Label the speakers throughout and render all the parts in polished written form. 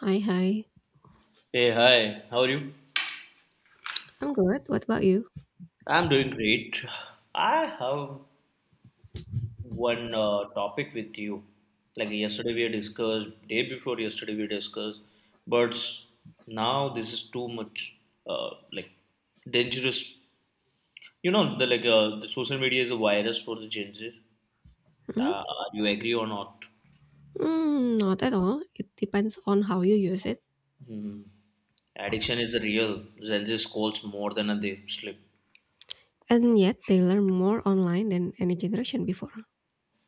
Speaker 1: Hi, hi.
Speaker 2: Hey, hi, how are you?
Speaker 1: I'm good. What about you?
Speaker 2: I'm doing great. I have one topic with you. Like yesterday we discussed, day before yesterday we discussed birds. Now this is too much, like dangerous. The social media is a virus for the Gen Z.
Speaker 1: Hmm?
Speaker 2: Uh, you agree or not?
Speaker 1: Mm, not at all. It depends on how you use it.
Speaker 2: Hmm. Addiction is real. Gen Z scrolls more than they sleep.
Speaker 1: And yet, they learn more online than any generation before.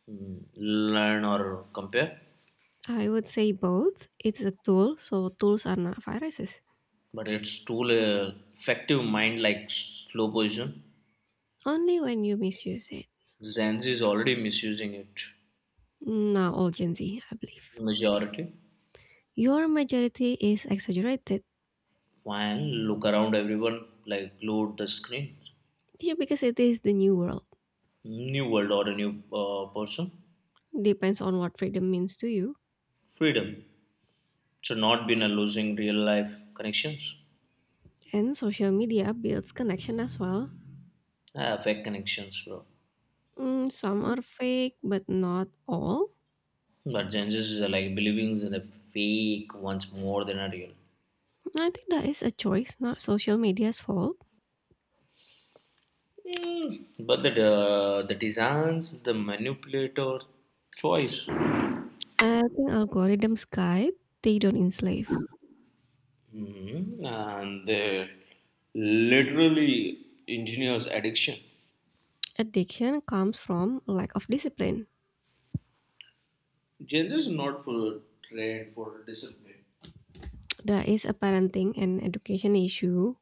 Speaker 2: Hmm. Learn or compare.
Speaker 1: I would say both. It's a tool, so tools are not viruses.
Speaker 2: But it's tool effective mind like slow poison.
Speaker 1: Only when you misuse it.
Speaker 2: Gen Z is already misusing it.
Speaker 1: Now, all Gen Z, I believe.
Speaker 2: Majority.
Speaker 1: Your majority is exaggerated.
Speaker 2: When look around, everyone like load the screen.
Speaker 1: Yeah, because it is the new world.
Speaker 2: New world or a new person.
Speaker 1: Depends on what freedom means to you.
Speaker 2: Freedom. So not been a losing real life connections.
Speaker 1: And social media builds connection as well.
Speaker 2: Ah, fake connections, bro.
Speaker 1: Mm, some are fake, but not all.
Speaker 2: But Gen Z is like believing in the fake ones more than a real.
Speaker 1: I think that is a choice, not social media's fault.
Speaker 2: Mm, but the designs, the manipulator choice.
Speaker 1: I think algorithms guide, they don't enslave.
Speaker 2: Mhm. And they literally engineers addiction.
Speaker 1: Addiction comes from lack of discipline.
Speaker 2: Gen Z is not for trend, for discipline.
Speaker 1: That is a parenting and education issue.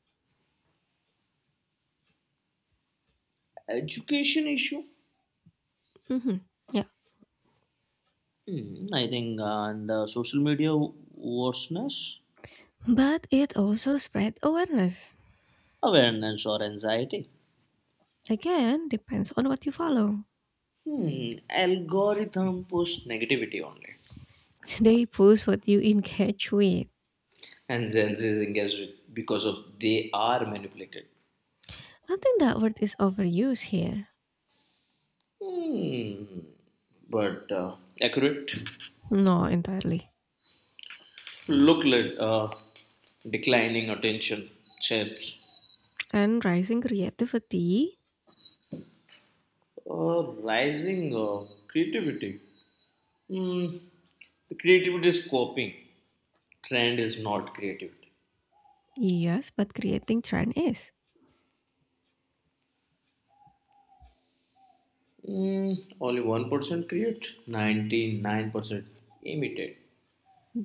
Speaker 2: Education issue?
Speaker 1: Mhm. Yeah.
Speaker 2: Hmm, I think and the social media worseness,
Speaker 1: But it also spread awareness.
Speaker 2: awareness or anxiety.
Speaker 1: Again, depends on what you follow.
Speaker 2: Hmm, algorithm post negativity only.
Speaker 1: They push what you engage with.
Speaker 2: And Gen Z is engaged with because of they are manipulated.
Speaker 1: I think that word is overused here.
Speaker 2: Hmm, but accurate.
Speaker 1: No, entirely.
Speaker 2: Look, lad, declining attention, chips,
Speaker 1: And rising creativity,
Speaker 2: rising creativity. Mm, the creativity is copying. Trend is not creativity.
Speaker 1: yes, but creating trend is.
Speaker 2: Mm, only 1% create, 99% imitate.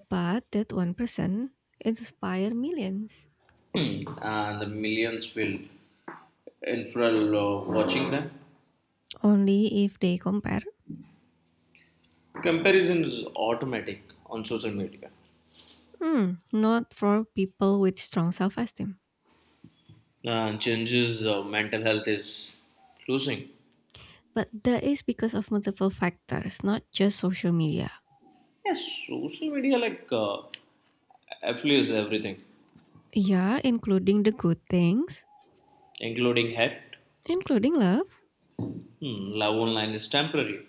Speaker 1: But that 1% inspire millions.
Speaker 2: And the millions will infrared watching them.
Speaker 1: Only if they compare.
Speaker 2: Comparison is automatic on social media.
Speaker 1: Hmm, not for people with strong self-esteem.
Speaker 2: And changes mental health is losing.
Speaker 1: But that is because of multiple factors, not just social media.
Speaker 2: Yes, social media like affluence everything,
Speaker 1: Yeah, including the good things,
Speaker 2: including hate.
Speaker 1: including love.
Speaker 2: Hmm, love online is temporary,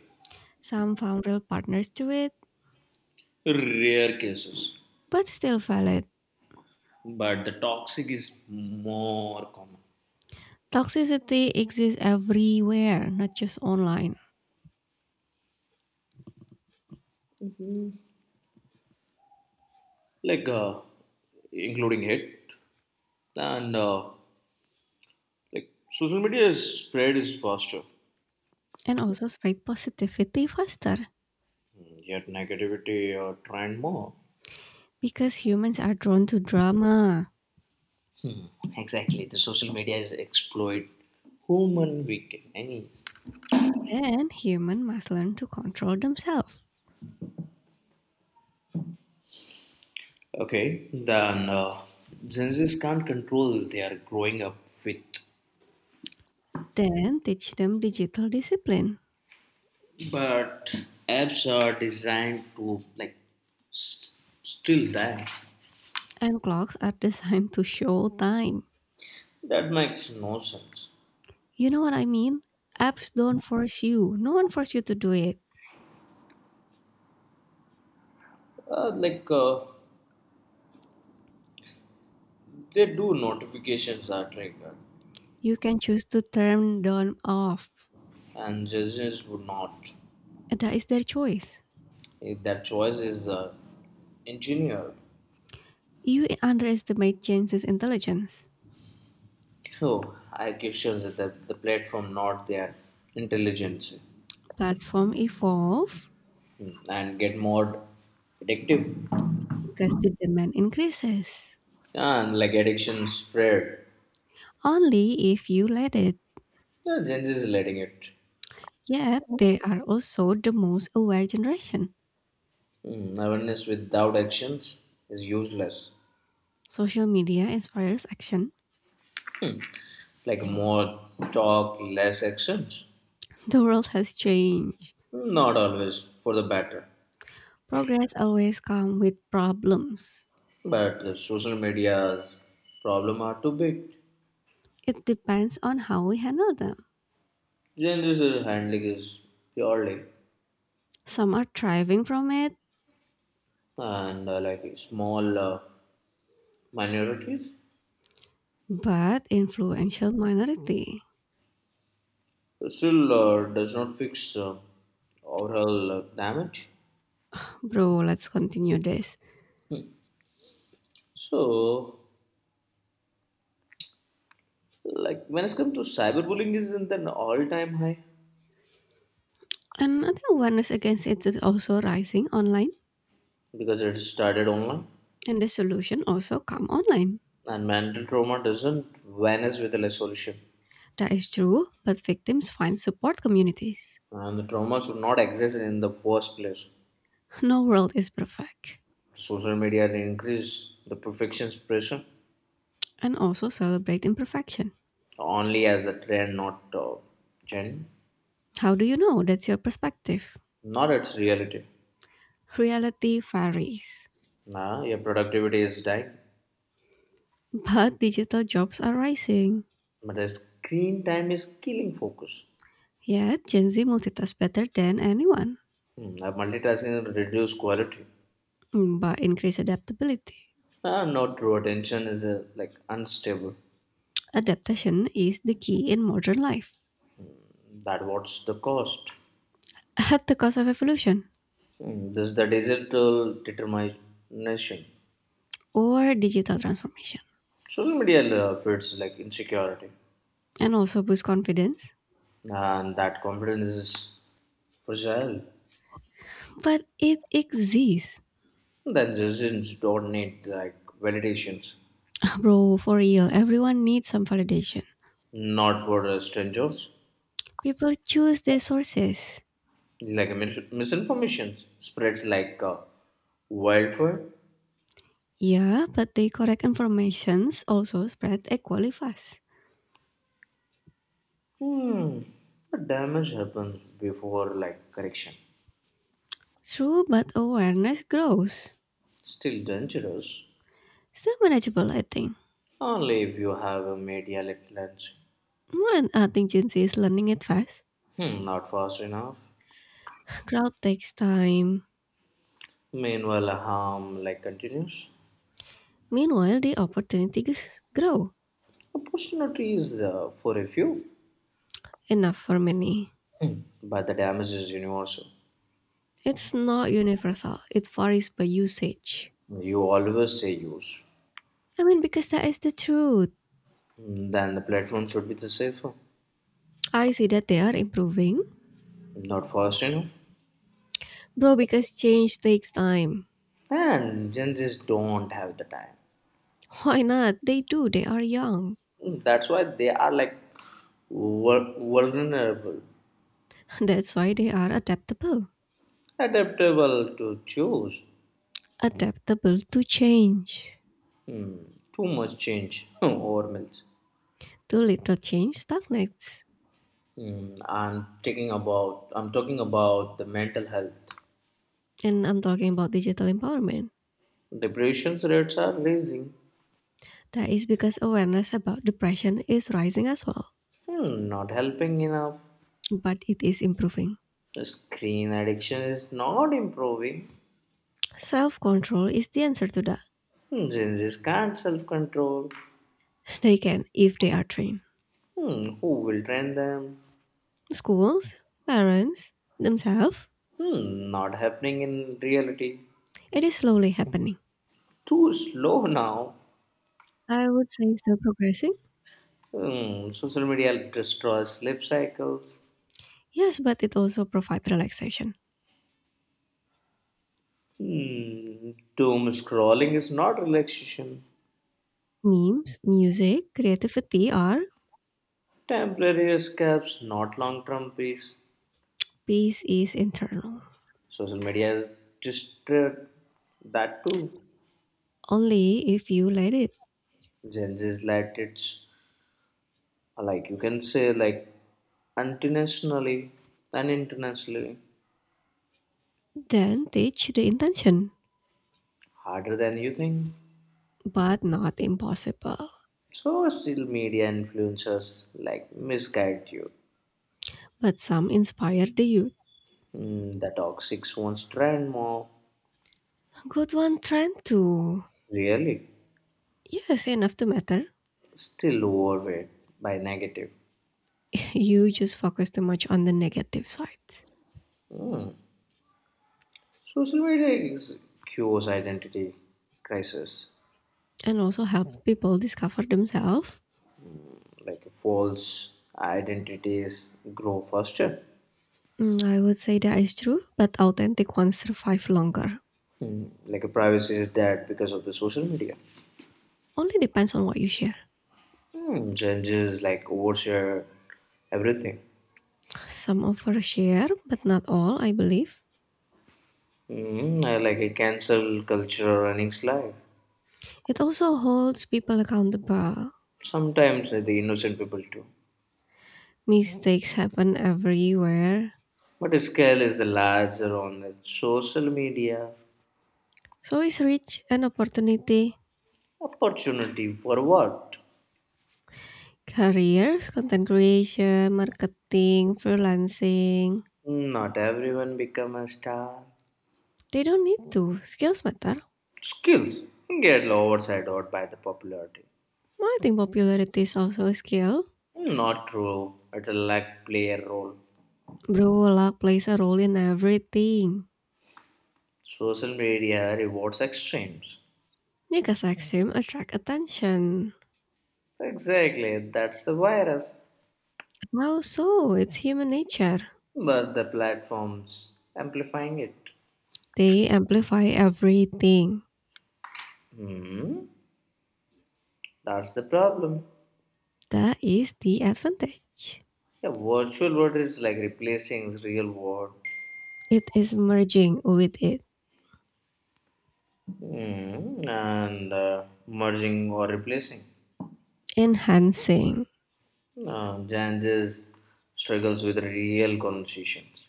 Speaker 1: Some found real partners to it,
Speaker 2: rare cases,
Speaker 1: but still valid.
Speaker 2: but the toxic is more common.
Speaker 1: Toxicity exists everywhere, not just online.
Speaker 2: Like including hate and like social media is spread is faster.
Speaker 1: And also spread positivity faster
Speaker 2: Hmm, yet negativity trend more.
Speaker 1: because humans are drawn to drama.
Speaker 2: Hmm. Exactly, the social media is exploit human weakness.
Speaker 1: Then human must learn to control themselves.
Speaker 2: Okay, then Gen Zs can't control they are growing up with,
Speaker 1: Then teach them digital discipline.
Speaker 2: but apps are designed to like st- still that.
Speaker 1: And clocks are designed to show time.
Speaker 2: That makes no sense.
Speaker 1: You know what I mean? Apps don't force you. No one force you to do it.
Speaker 2: Uh, like uh, they do notifications are triggered,
Speaker 1: You can choose to turn them off.
Speaker 2: and Gen Zs would not.
Speaker 1: That is their choice.
Speaker 2: If that choice is engineered.
Speaker 1: You underestimate James's intelligence.
Speaker 2: Oh, I question that the platform not their intelligence
Speaker 1: Platform evolve
Speaker 2: mm, and get more addictive.
Speaker 1: because the demand increases.
Speaker 2: And like addiction spread.
Speaker 1: Only if you let it.
Speaker 2: Yeah, Gen Z is letting it.
Speaker 1: Yet they are also the most aware generation.
Speaker 2: Hmm, awareness without actions is useless.
Speaker 1: Social media inspires action.
Speaker 2: Like more talk, less actions.
Speaker 1: The world has changed.
Speaker 2: Hmm, not always for the better.
Speaker 1: Progress always comes with problems.
Speaker 2: But the social media's problem are too big.
Speaker 1: It depends on how we handle them.
Speaker 2: Gen Z's handling is purely
Speaker 1: Some are thriving from it,
Speaker 2: and like small minorities
Speaker 1: but influential minority.
Speaker 2: still does not fix overall damage.
Speaker 1: Bro, let's continue this.
Speaker 2: So like when it's come to cyberbullying is in an all-time high
Speaker 1: And I think awareness against it is also rising online,
Speaker 2: because it started online
Speaker 1: and the solution also come online.
Speaker 2: and mental trauma doesn't vanish with a solution
Speaker 1: That is true, but victims find support communities.
Speaker 2: and the trauma should not exist in the first place.
Speaker 1: No world is perfect,
Speaker 2: Social media increase the perfectionist pressure
Speaker 1: and also celebrate imperfection.
Speaker 2: only as the trend, not gen,
Speaker 1: How do you know that's your perspective?
Speaker 2: not its reality.
Speaker 1: Reality varies,
Speaker 2: Now your productivity is dying,
Speaker 1: but digital jobs are rising.
Speaker 2: but the screen time is killing focus.
Speaker 1: Yet, Gen Z multitask better than anyone
Speaker 2: Hmm, now multitasking reduce quality.
Speaker 1: by increased adaptability.
Speaker 2: Ah, not true attention is like unstable.
Speaker 1: Adaptation is the key in modern life
Speaker 2: That what's the cost.
Speaker 1: at the cost of evolution
Speaker 2: Mm, this is the digital determination.
Speaker 1: or digital transformation
Speaker 2: Social media feeds like insecurity
Speaker 1: and also boost confidence.
Speaker 2: and that confidence is fragile.
Speaker 1: But it exists.
Speaker 2: Then citizens don't need like validations,
Speaker 1: Bro, for real, everyone needs some validation.
Speaker 2: not for strangers.
Speaker 1: People choose their sources.
Speaker 2: Like misinformation spreads like wildfire.
Speaker 1: Yeah, but the correct informations also spread equally fast.
Speaker 2: Hmm. But damage happens before like correction.
Speaker 1: True, but awareness grows.
Speaker 2: Still dangerous.
Speaker 1: Still manageable, I think.
Speaker 2: Only if you have a media lens.
Speaker 1: When One agency is learning it fast.
Speaker 2: Hmm, not fast enough.
Speaker 1: Growth takes time.
Speaker 2: Meanwhile, harm like continues.
Speaker 1: Meanwhile, the opportunities grow
Speaker 2: Opportunity is for a few.
Speaker 1: enough for many.
Speaker 2: Hmm. But the damage is universal.
Speaker 1: It's not universal. It varies by usage.
Speaker 2: You always say use.
Speaker 1: I mean, because that is the truth.
Speaker 2: Hmm, then the platform should be the safer.
Speaker 1: I see that they are improving.
Speaker 2: Not fast enough.
Speaker 1: Bro, because change takes time.
Speaker 2: And Gen Z's don't have the time.
Speaker 1: Why not? They do. They are young.
Speaker 2: Hmm, that's why they are like vulnerable,
Speaker 1: That's why they are adaptable.
Speaker 2: adaptable to choose.
Speaker 1: Adaptable to change.
Speaker 2: Hmm, too much change or melt.
Speaker 1: Too little change stagnates.
Speaker 2: Mm, I'm talking about the mental health.
Speaker 1: And I'm talking about digital empowerment.
Speaker 2: Depression rates are rising.
Speaker 1: That is because awareness about depression is rising as well,
Speaker 2: Hmm, not helping enough.
Speaker 1: but it is improving.
Speaker 2: Screen addiction is not improving.
Speaker 1: Self control is the answer to that.
Speaker 2: Hmm, Gen Z's can't self-control.
Speaker 1: They can if they are trained.
Speaker 2: Hmm, who will train them?
Speaker 1: Schools, parents, themselves,
Speaker 2: Hmm, not happening in reality.
Speaker 1: it is slowly happening.
Speaker 2: Too slow now.
Speaker 1: I would say still progressing.
Speaker 2: Hmm, social media destroys sleep cycles.
Speaker 1: Yes, but it also provides relaxation.
Speaker 2: Hmm, doom scrolling is not relaxation.
Speaker 1: Memes, music, creativity are
Speaker 2: Temporary escapes, not long term peace.
Speaker 1: peace is internal.
Speaker 2: Social media has destroyed that too.
Speaker 1: Only if you let it,
Speaker 2: Gen Z is like it's like you can say like internationally and internationally
Speaker 1: then teach the intention,
Speaker 2: harder than you think.
Speaker 1: but not impossible.
Speaker 2: So, social media influencers like misguide you.
Speaker 1: But some inspire the youth.
Speaker 2: Mm, the toxic ones trend more
Speaker 1: Good one trend to
Speaker 2: really
Speaker 1: yes, enough to matter.
Speaker 2: still overweight by negative.
Speaker 1: You just focus too much on the negative sides
Speaker 2: Mm. Social media is cures identity crisis.
Speaker 1: and also help people discover themselves.
Speaker 2: Like false identities grow faster.
Speaker 1: Mm, I would say that is true, but authentic ones survive longer.
Speaker 2: Hmm. Like privacy is dead because of the social media.
Speaker 1: Only depends on what you share.
Speaker 2: Hmm. Changes like overshare everything.
Speaker 1: Some overshare, but not all, I believe.
Speaker 2: Hmm. I like a cancel culture running life.
Speaker 1: It also holds people accountable.
Speaker 2: Sometimes the innocent people too.
Speaker 1: Mistakes happen everywhere.
Speaker 2: But scale is the larger on the social media.
Speaker 1: So is reach and opportunity.
Speaker 2: Opportunity for what?
Speaker 1: Careers, content creation, marketing, freelancing.
Speaker 2: Not everyone become a star.
Speaker 1: They don't need to. Skills matter.
Speaker 2: Skills get overshadowed by the popularity.
Speaker 1: I think popularity is also a skill.
Speaker 2: Not true. It's a like a role.
Speaker 1: Bro, luck plays a role in everything.
Speaker 2: Social media rewards extremes.
Speaker 1: Because extreme attract attention.
Speaker 2: Exactly, that's the virus.
Speaker 1: Also, it's human nature.
Speaker 2: But the platforms amplifying it.
Speaker 1: They amplify everything.
Speaker 2: Hmm. That's the problem.
Speaker 1: That is the advantage.
Speaker 2: The virtual world is like replacing real world.
Speaker 1: It is merging with it,
Speaker 2: Hmm. And merging or replacing.
Speaker 1: enhancing.
Speaker 2: Gen Z struggles with real conversations.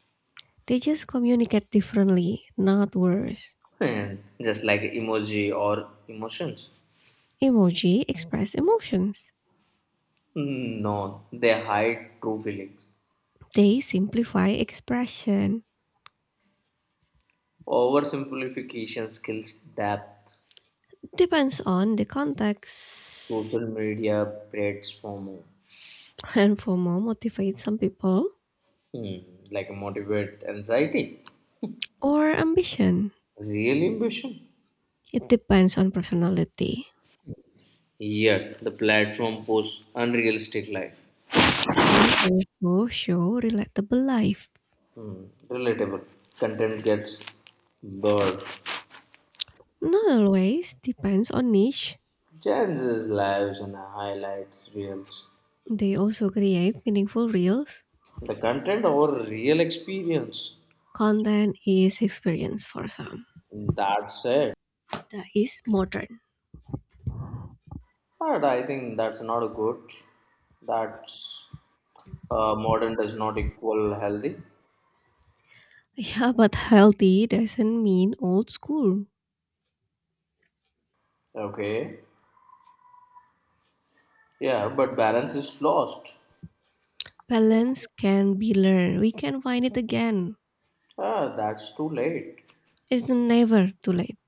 Speaker 1: They just communicate differently, not worse.
Speaker 2: Just like emoji or emotions.
Speaker 1: Emoji express emotions.
Speaker 2: Mm, no, they hide true feelings.
Speaker 1: They simplify expression.
Speaker 2: Oversimplification kills depth.
Speaker 1: Depends on the context.
Speaker 2: Social media platform
Speaker 1: And FOMO motivates some people
Speaker 2: mm, like motivate anxiety,
Speaker 1: or ambition.
Speaker 2: real ambition.
Speaker 1: It depends on personality.
Speaker 2: Yet the platform posts unrealistic life.
Speaker 1: And also show relatable life.
Speaker 2: Mm, relatable content gets blurred.
Speaker 1: Not always depends on niche.
Speaker 2: Changes lives and highlights reels.
Speaker 1: They also create meaningful reels.
Speaker 2: The content or real experience.
Speaker 1: Content is experience for some.
Speaker 2: That's it.
Speaker 1: That is modern.
Speaker 2: But I think that's not good. That's modern does not equal healthy.
Speaker 1: Yeah, but healthy doesn't mean old school.
Speaker 2: Okay. Yeah, but balance is lost.
Speaker 1: Balance can be learned. We can find it again.
Speaker 2: Ah, that's too late.
Speaker 1: It's never too late.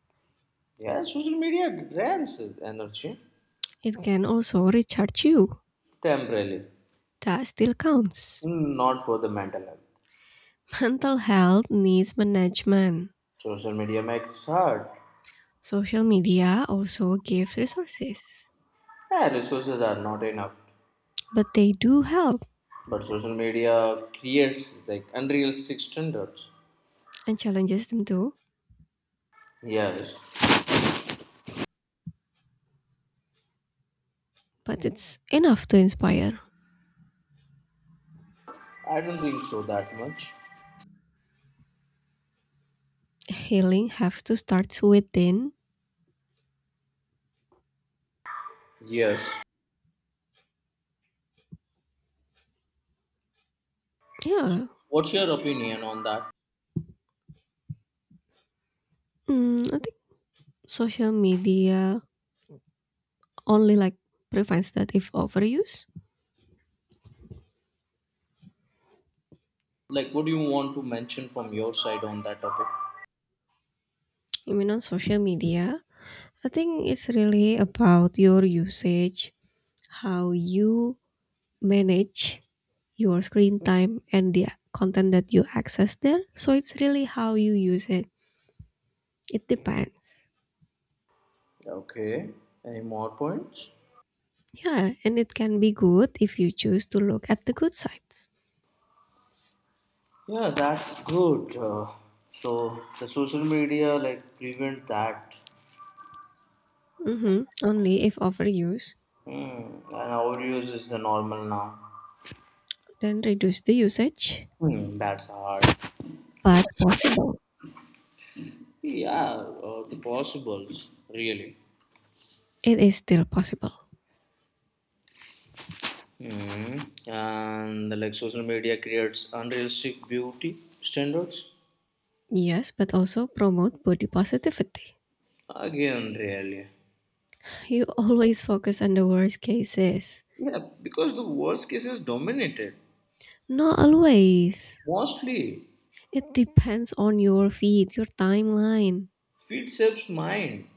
Speaker 2: Yeah, social media drains energy
Speaker 1: It can also recharge you.
Speaker 2: temporarily,
Speaker 1: That still counts.
Speaker 2: not for the mental health.
Speaker 1: Mental health needs management.
Speaker 2: Social media makes hard.
Speaker 1: Social media also gives resources,
Speaker 2: Yeah, resources are not enough.
Speaker 1: but they do help
Speaker 2: But social media creates like unrealistic standards.
Speaker 1: and challenges them too.
Speaker 2: Yes,
Speaker 1: But it's enough to inspire.
Speaker 2: I don't think so that much.
Speaker 1: Healing has to start within.
Speaker 2: Yes.
Speaker 1: Yeah,
Speaker 2: What's your opinion on that?
Speaker 1: I think social media only prevents that if overuse.
Speaker 2: Like, what do you want to mention from your side on that topic?
Speaker 1: I mean, on social media, I think it's really about your usage, how you manage your screen time and the content that you access there. So it's really how you use it. It depends.
Speaker 2: Okay. Any more points?
Speaker 1: Yeah, and it can be good if you choose to look at the good sides.
Speaker 2: Yeah, that's good. So the social media like prevent that.
Speaker 1: Mhm. Only if overuse,
Speaker 2: Hmm. And overuse is the normal now.
Speaker 1: then reduce the usage.
Speaker 2: Hmm. That's hard.
Speaker 1: But possible.
Speaker 2: Yeah, the possibles really.
Speaker 1: It is still possible.
Speaker 2: Hmm. And like social media creates unrealistic beauty standards.
Speaker 1: Yes, but also promote body positivity.
Speaker 2: Again, really.
Speaker 1: You always focus on the worst cases.
Speaker 2: Yeah, because the worst case is dominated
Speaker 1: Not always.
Speaker 2: mostly.
Speaker 1: It depends on your feed, your timeline.
Speaker 2: Feed shapes mind,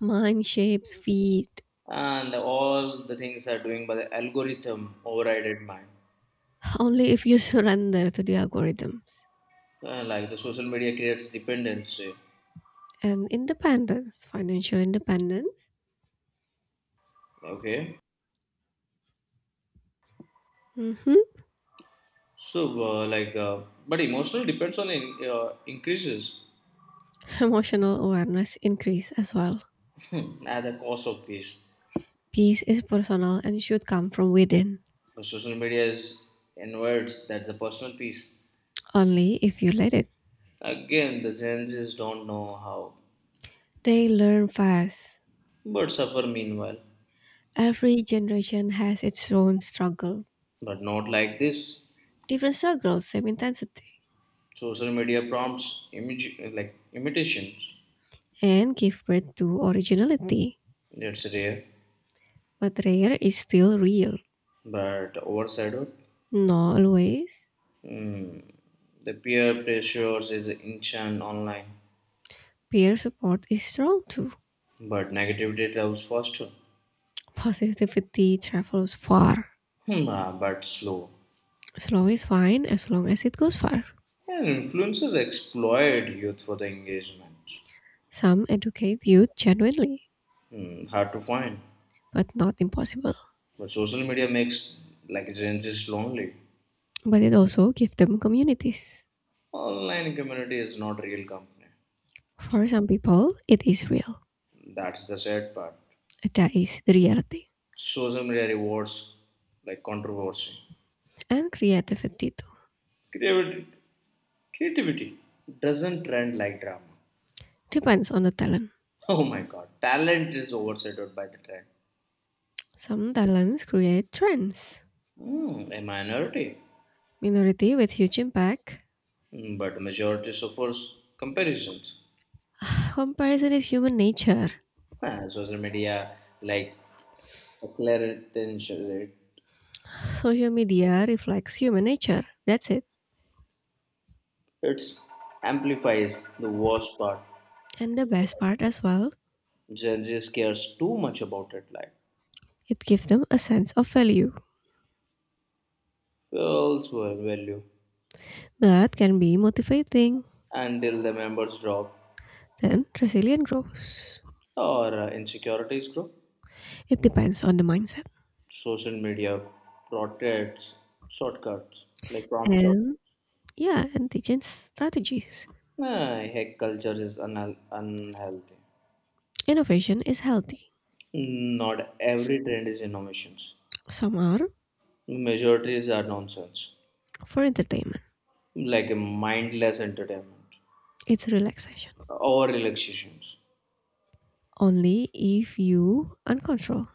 Speaker 1: Mine shapes feed.
Speaker 2: and all the things are doing by the algorithm overrided mind.
Speaker 1: Only if you surrender to the algorithms.
Speaker 2: Like the social media creates dependency.
Speaker 1: And independence, financial independence,
Speaker 2: Okay,
Speaker 1: mhm,
Speaker 2: so but emotional depends on in, increases
Speaker 1: emotional awareness increase as well.
Speaker 2: at the cost of peace.
Speaker 1: Peace is personal and should come from within,
Speaker 2: The social media is inverts that the personal peace.
Speaker 1: only if you let it.
Speaker 2: Again, the Gen Zs don't know how,
Speaker 1: They learn fast.
Speaker 2: but suffer meanwhile.
Speaker 1: Every generation has its own struggle,
Speaker 2: But not like this.
Speaker 1: different struggles, same intensity,
Speaker 2: Social media prompts image like imitations.
Speaker 1: and give birth to originality.
Speaker 2: That's rare.
Speaker 1: But rare is still real.
Speaker 2: But overshadowed.
Speaker 1: Not always.
Speaker 2: The peer pressures is ancient online,
Speaker 1: Peer support is strong too.
Speaker 2: but negativity travels faster,
Speaker 1: Positivity travels far.
Speaker 2: but slow.
Speaker 1: Slow is fine as long as it goes far.
Speaker 2: And influencers exploit youth for the engagement.
Speaker 1: Some educate youth genuinely,
Speaker 2: Hmm, hard to find,
Speaker 1: but not impossible.
Speaker 2: but social media makes like Gen Z's lonely.
Speaker 1: But it also gives them communities.
Speaker 2: Online community is not real company.
Speaker 1: For some people, it is real.
Speaker 2: That's the sad part.
Speaker 1: That is the reality.
Speaker 2: Social media rewards like controversy.
Speaker 1: And creativity too.
Speaker 2: Creativity, creativity doesn't trend like drama.
Speaker 1: Depends on the talent.
Speaker 2: Oh my god, talent is overshadowed by the trend.
Speaker 1: Some talents create trends.
Speaker 2: Hmm, a minority,
Speaker 1: Minority with huge impact.
Speaker 2: hmm, but majority suffers comparisons.
Speaker 1: Comparison is human nature.
Speaker 2: Ah, social media, like acceleration, it
Speaker 1: Social media reflects human nature. That's it.
Speaker 2: amplifies the worst part.
Speaker 1: And the best part as well,
Speaker 2: Gen Z cares too much about it, like
Speaker 1: it gives them a sense of value,
Speaker 2: feels well value
Speaker 1: but can be motivating.
Speaker 2: until the members drop
Speaker 1: Then resilience grows.
Speaker 2: or insecurities grow.
Speaker 1: It depends on the mindset
Speaker 2: Social media protects shortcuts like prompts.
Speaker 1: and yeah, and the strategies.
Speaker 2: Nah, hack culture is unhealthy.
Speaker 1: Innovation is healthy.
Speaker 2: Not every trend is innovations.
Speaker 1: Some are
Speaker 2: Majorities are nonsense,
Speaker 1: for entertainment.
Speaker 2: like a mindless entertainment
Speaker 1: It's relaxation.
Speaker 2: or relaxations.
Speaker 1: Only if you uncontrol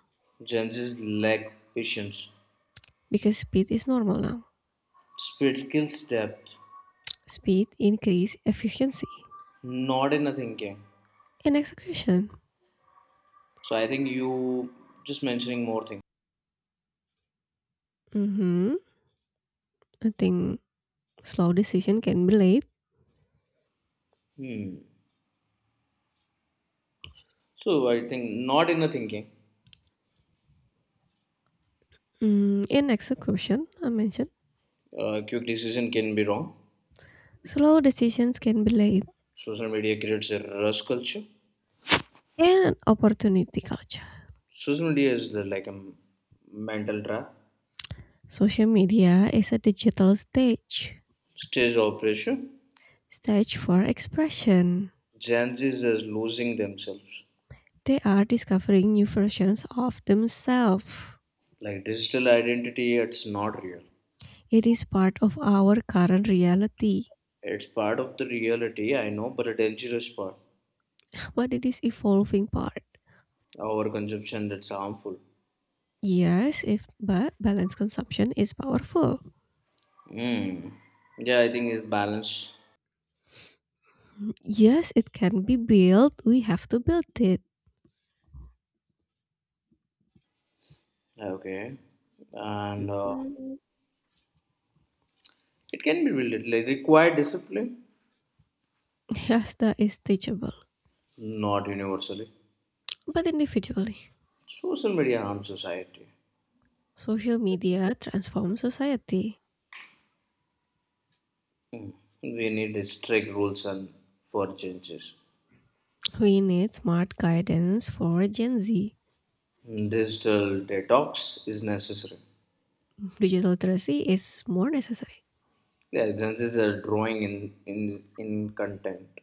Speaker 2: Gen Z's lack patience,
Speaker 1: because speed is normal now.
Speaker 2: speed, skills, depth,
Speaker 1: Speed increase efficiency
Speaker 2: not in a thinking.
Speaker 1: in execution.
Speaker 2: So I think you just mentioning more things.
Speaker 1: Mm-hmm. I think slow decision can be late.
Speaker 2: Hmm. So I think not in a thinking.
Speaker 1: Mm, in execution, I mentioned
Speaker 2: Quick decision can be wrong.
Speaker 1: slow decisions can be late
Speaker 2: Social media creates a rush culture.
Speaker 1: and opportunity culture.
Speaker 2: Social media is the, like a mental trap.
Speaker 1: Social media is a digital stage,
Speaker 2: Stage operation.
Speaker 1: stage for expression.
Speaker 2: Gen Zs is losing themselves.
Speaker 1: They are discovering new versions of themselves.
Speaker 2: Like digital identity, it's not real.
Speaker 1: It is part of our current reality,
Speaker 2: It's part of the reality, I know, but a dangerous part.
Speaker 1: but it is evolving part.
Speaker 2: Our consumption that's harmful.
Speaker 1: Yes, if but balanced consumption is powerful.
Speaker 2: Mm. Yeah, I think it's balance.
Speaker 1: Yes, it can be built. We have to build it.
Speaker 2: Okay. And
Speaker 1: Mm,
Speaker 2: it can be built, like require discipline,
Speaker 1: yes, that is teachable,
Speaker 2: not universally.
Speaker 1: but individually.
Speaker 2: Social media harms society.
Speaker 1: Social media transforms society.
Speaker 2: Mm. We need strict rules and for changes.
Speaker 1: We need smart guidance for Gen Z.
Speaker 2: Digital detox is necessary.
Speaker 1: Digital literacy is more necessary.
Speaker 2: Yeah, this is a drawing in content.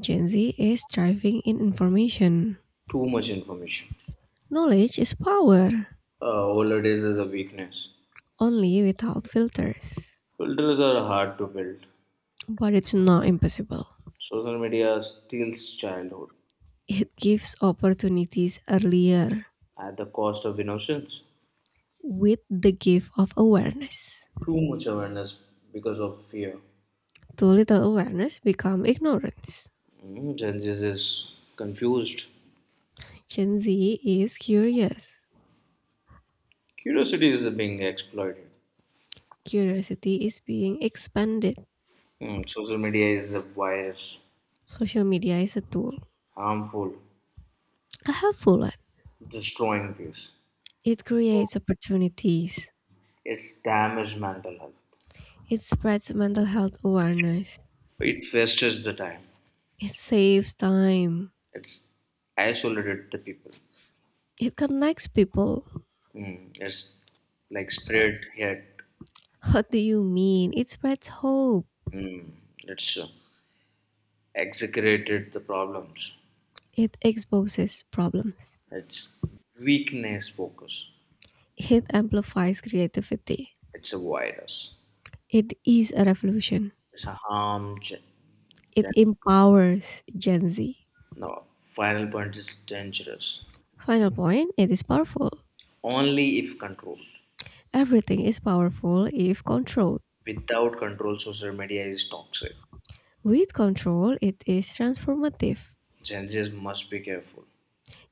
Speaker 1: Gen Z is thriving in information.
Speaker 2: Too much information.
Speaker 1: Knowledge is power,
Speaker 2: Holidays is a weakness.
Speaker 1: only without filters.
Speaker 2: Filters are hard to build.
Speaker 1: But it's not impossible.
Speaker 2: Social media steals childhood
Speaker 1: It gives opportunities earlier
Speaker 2: at the cost of innocence.
Speaker 1: with the gift of awareness.
Speaker 2: Too much awareness because of fear.
Speaker 1: Too little awareness become ignorance.
Speaker 2: Mm, Gen Z is confused.
Speaker 1: Gen Z is curious.
Speaker 2: Curiosity is being exploited.
Speaker 1: Curiosity is being expanded.
Speaker 2: Mm, social media is a bias,
Speaker 1: Social media is a tool,
Speaker 2: harmful,
Speaker 1: a helpful one.
Speaker 2: destroying peace.
Speaker 1: It creates opportunities.
Speaker 2: It's damaged mental health.
Speaker 1: It spreads mental health awareness.
Speaker 2: It wastes the time.
Speaker 1: It saves time.
Speaker 2: It's isolated the people.
Speaker 1: It connects people.
Speaker 2: Mm, it's like spread hate.
Speaker 1: What do you mean? It spreads hope.
Speaker 2: Mm, it's exaggerated the problems.
Speaker 1: It exposes problems.
Speaker 2: It's weakness focus.
Speaker 1: It amplifies creativity.
Speaker 2: It's a virus.
Speaker 1: It is a revolution.
Speaker 2: It's a harm.
Speaker 1: It
Speaker 2: Gen-
Speaker 1: empowers Gen Z.
Speaker 2: no, final point is dangerous.
Speaker 1: Final point it is powerful.
Speaker 2: Only if controlled.
Speaker 1: Everything is powerful if controlled.
Speaker 2: Without control, social media is toxic.
Speaker 1: With control, it is transformative.
Speaker 2: Gen Zs must be careful.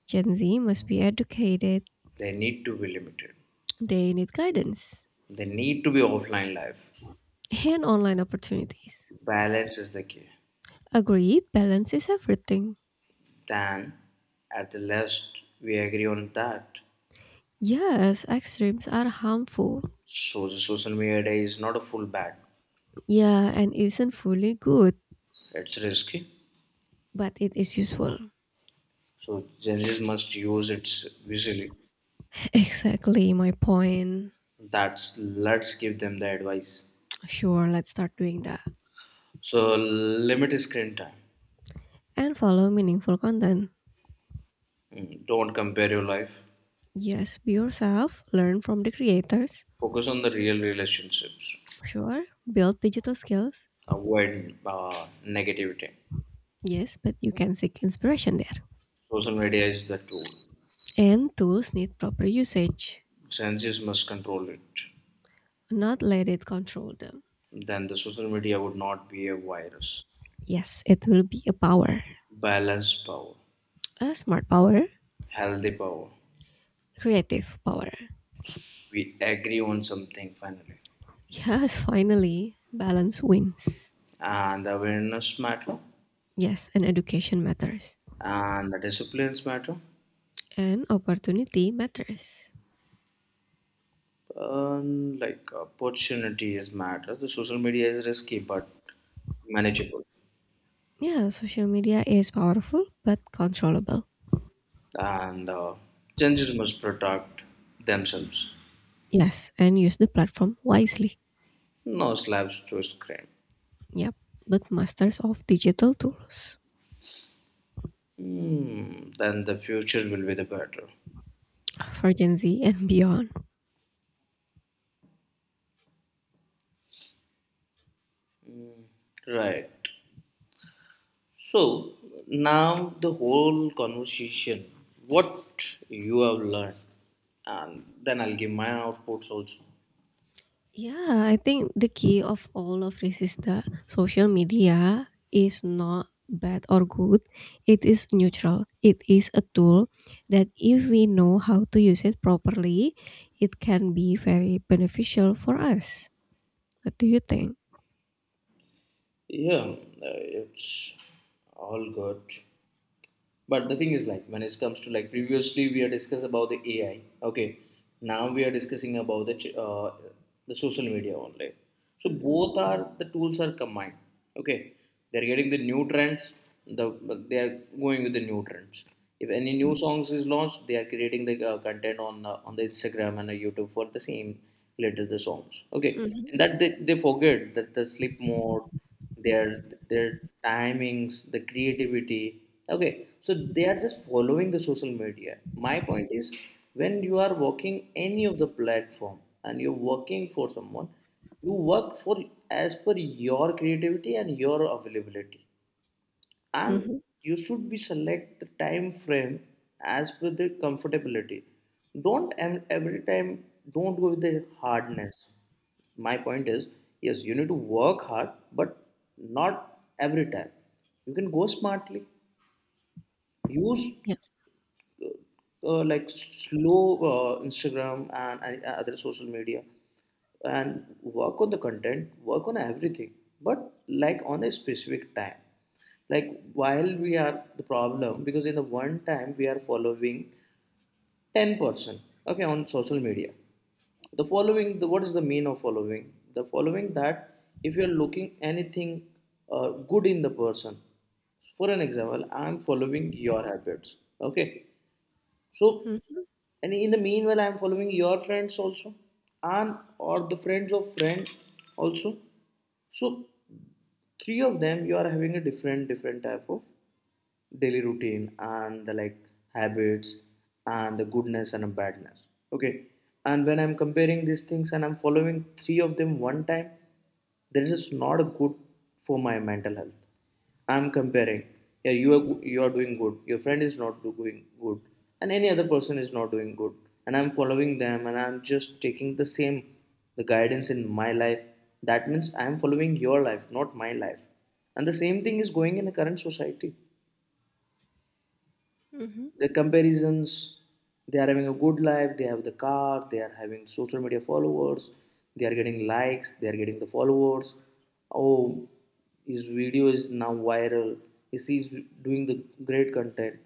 Speaker 1: Gen Z must be educated,
Speaker 2: They need to be limited.
Speaker 1: they need guidance
Speaker 2: They need to be offline life.
Speaker 1: and online opportunities.
Speaker 2: Balance is the key.
Speaker 1: Agreed, balance is everything.
Speaker 2: Then at the last we agree on that.
Speaker 1: Yes, extremes are harmful.
Speaker 2: So the social media is not a full bad.
Speaker 1: Yeah, and isn't fully good,
Speaker 2: It's risky.
Speaker 1: but it is useful.
Speaker 2: So Gen Zs must use it visually.
Speaker 1: Exactly my point.
Speaker 2: That's let's give them the advice.
Speaker 1: Sure, let's start doing that.
Speaker 2: So limit screen time.
Speaker 1: And follow meaningful content.
Speaker 2: Mm, don't compare your life.
Speaker 1: Yes, be yourself, learn from the creators.
Speaker 2: Focus on the real relationships.
Speaker 1: Sure, build digital skills.
Speaker 2: Avoid negativity.
Speaker 1: Yes, but you can seek inspiration there.
Speaker 2: Social media is the tool.
Speaker 1: And tools need proper usage,
Speaker 2: Gen Zs must control it.
Speaker 1: not let it control them.
Speaker 2: Then the social media would not be a virus.
Speaker 1: Yes, it will be a power,
Speaker 2: Balance power.
Speaker 1: a smart power,
Speaker 2: Healthy power.
Speaker 1: creative power.
Speaker 2: We agree on something finally,
Speaker 1: Yes, finally, balance wins.
Speaker 2: and the awareness matter,
Speaker 1: Yes, and education matters.
Speaker 2: and the disciplines matter,
Speaker 1: And opportunity matters.
Speaker 2: and like opportunities matter. The social media is risky but manageable,
Speaker 1: Yeah, social media is powerful but controllable.
Speaker 2: and changes must protect themselves.
Speaker 1: Yes, and use the platform wisely.
Speaker 2: No slaps to screen.
Speaker 1: Yep, but masters of digital tools
Speaker 2: Hmm. Then the future will be the better.
Speaker 1: for Gen Z and beyond.
Speaker 2: Right. So now the whole conversation, what you have learned, and then I'll give my outputs also.
Speaker 1: Yeah, I think the key of all of this is that social media is not bad or good. It is neutral. It is a tool that if we know how to use it properly, it can be very beneficial for us. What do you think?
Speaker 2: Yeah, it's all good, but the thing is like when it comes to like previously we are discussed about the AI. Okay, now we are discussing about the the social media only, so
Speaker 1: Mm-hmm.
Speaker 2: both are the tools are combined. Okay, they're getting the new trends, the, they are going with the new trends. If any new songs is launched, they are creating the content on the Instagram and the YouTube for the same related the songs. Okay,
Speaker 1: Mm-hmm.
Speaker 2: and that they forget that the sleep mode, their their timings, the creativity. Okay, so they are just following the social media. My point is, when you are working any of the platform and you're working for someone, you work for as per your creativity and your availability, and
Speaker 1: Mm-hmm.
Speaker 2: you should be select the time frame as per the comfortability. Don't every time, don't go with the hardness. My point is, yes you need to work hard, but not every time, you can go smartly. Use
Speaker 1: Yeah.
Speaker 2: like slow Instagram and other social media, and work on the content, work on everything, but like on a specific time. Like while we are the problem, because in the one time we are following 10-person, okay, on social media. The following, the, what is the mean of following? The following that if you are looking anything good in the person, for an example, I'm following your habits, okay, so, and in the meanwhile, I'm following your friends also, and or the friends of friend also. So, three of them, you are having a different different type of daily routine and the like habits and the goodness and the badness. Okay, and when I'm comparing these things and I'm following three of them one time, this is not good for my mental health. I'm comparing, yeah, you are, you are doing good, your friend is not doing good, and any other person is not doing good, and I'm following them and I'm just taking the same the guidance in my life. That means I'm following your life, not my life, and the same thing is going in the current society,
Speaker 1: Mm-hmm.
Speaker 2: the comparisons. They are having a good life, they have the car, they are having social media followers, they are getting likes, they are getting the followers. Oh, his video is now viral. Is he's doing the great content?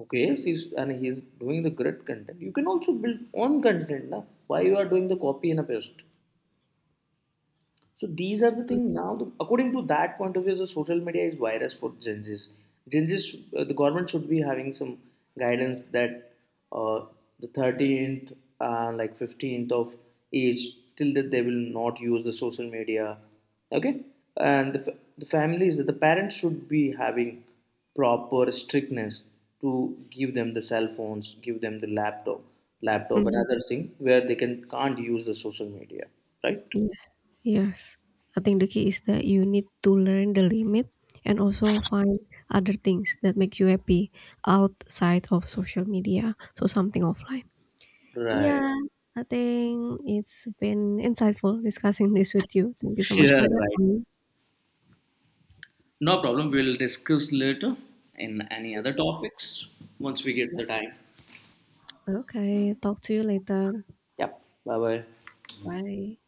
Speaker 2: Okay, yes he's, and he's doing the great content. You can also build own content, na? Why you are doing the copy and a paste? So these are the thing now. The, according to that point of view, the social media is virus for Gen Zs. Gen Zs, the government should be having some guidance that uh, the 13th, like 15th of age, till that they will not use the social media. Okay, and the, the families, the parents should be having proper strictness to give them the cell phones, give them the laptop, laptop and
Speaker 1: Mm-hmm.
Speaker 2: other thing where they can't use the social media, right?
Speaker 1: Yes, yes. I think the key is that you need to learn the limit and also find other things that make you happy outside of social media, so something offline.
Speaker 2: Right.
Speaker 1: Yeah, I think it's been insightful discussing this with you. Thank you so much
Speaker 2: Yeah,
Speaker 1: for your
Speaker 2: right.
Speaker 1: time.
Speaker 2: No problem. We'll discuss later in any other topics once we get
Speaker 1: Yeah.
Speaker 2: the time.
Speaker 1: Okay, talk to you later.
Speaker 2: Yep. Bye bye.
Speaker 1: Bye.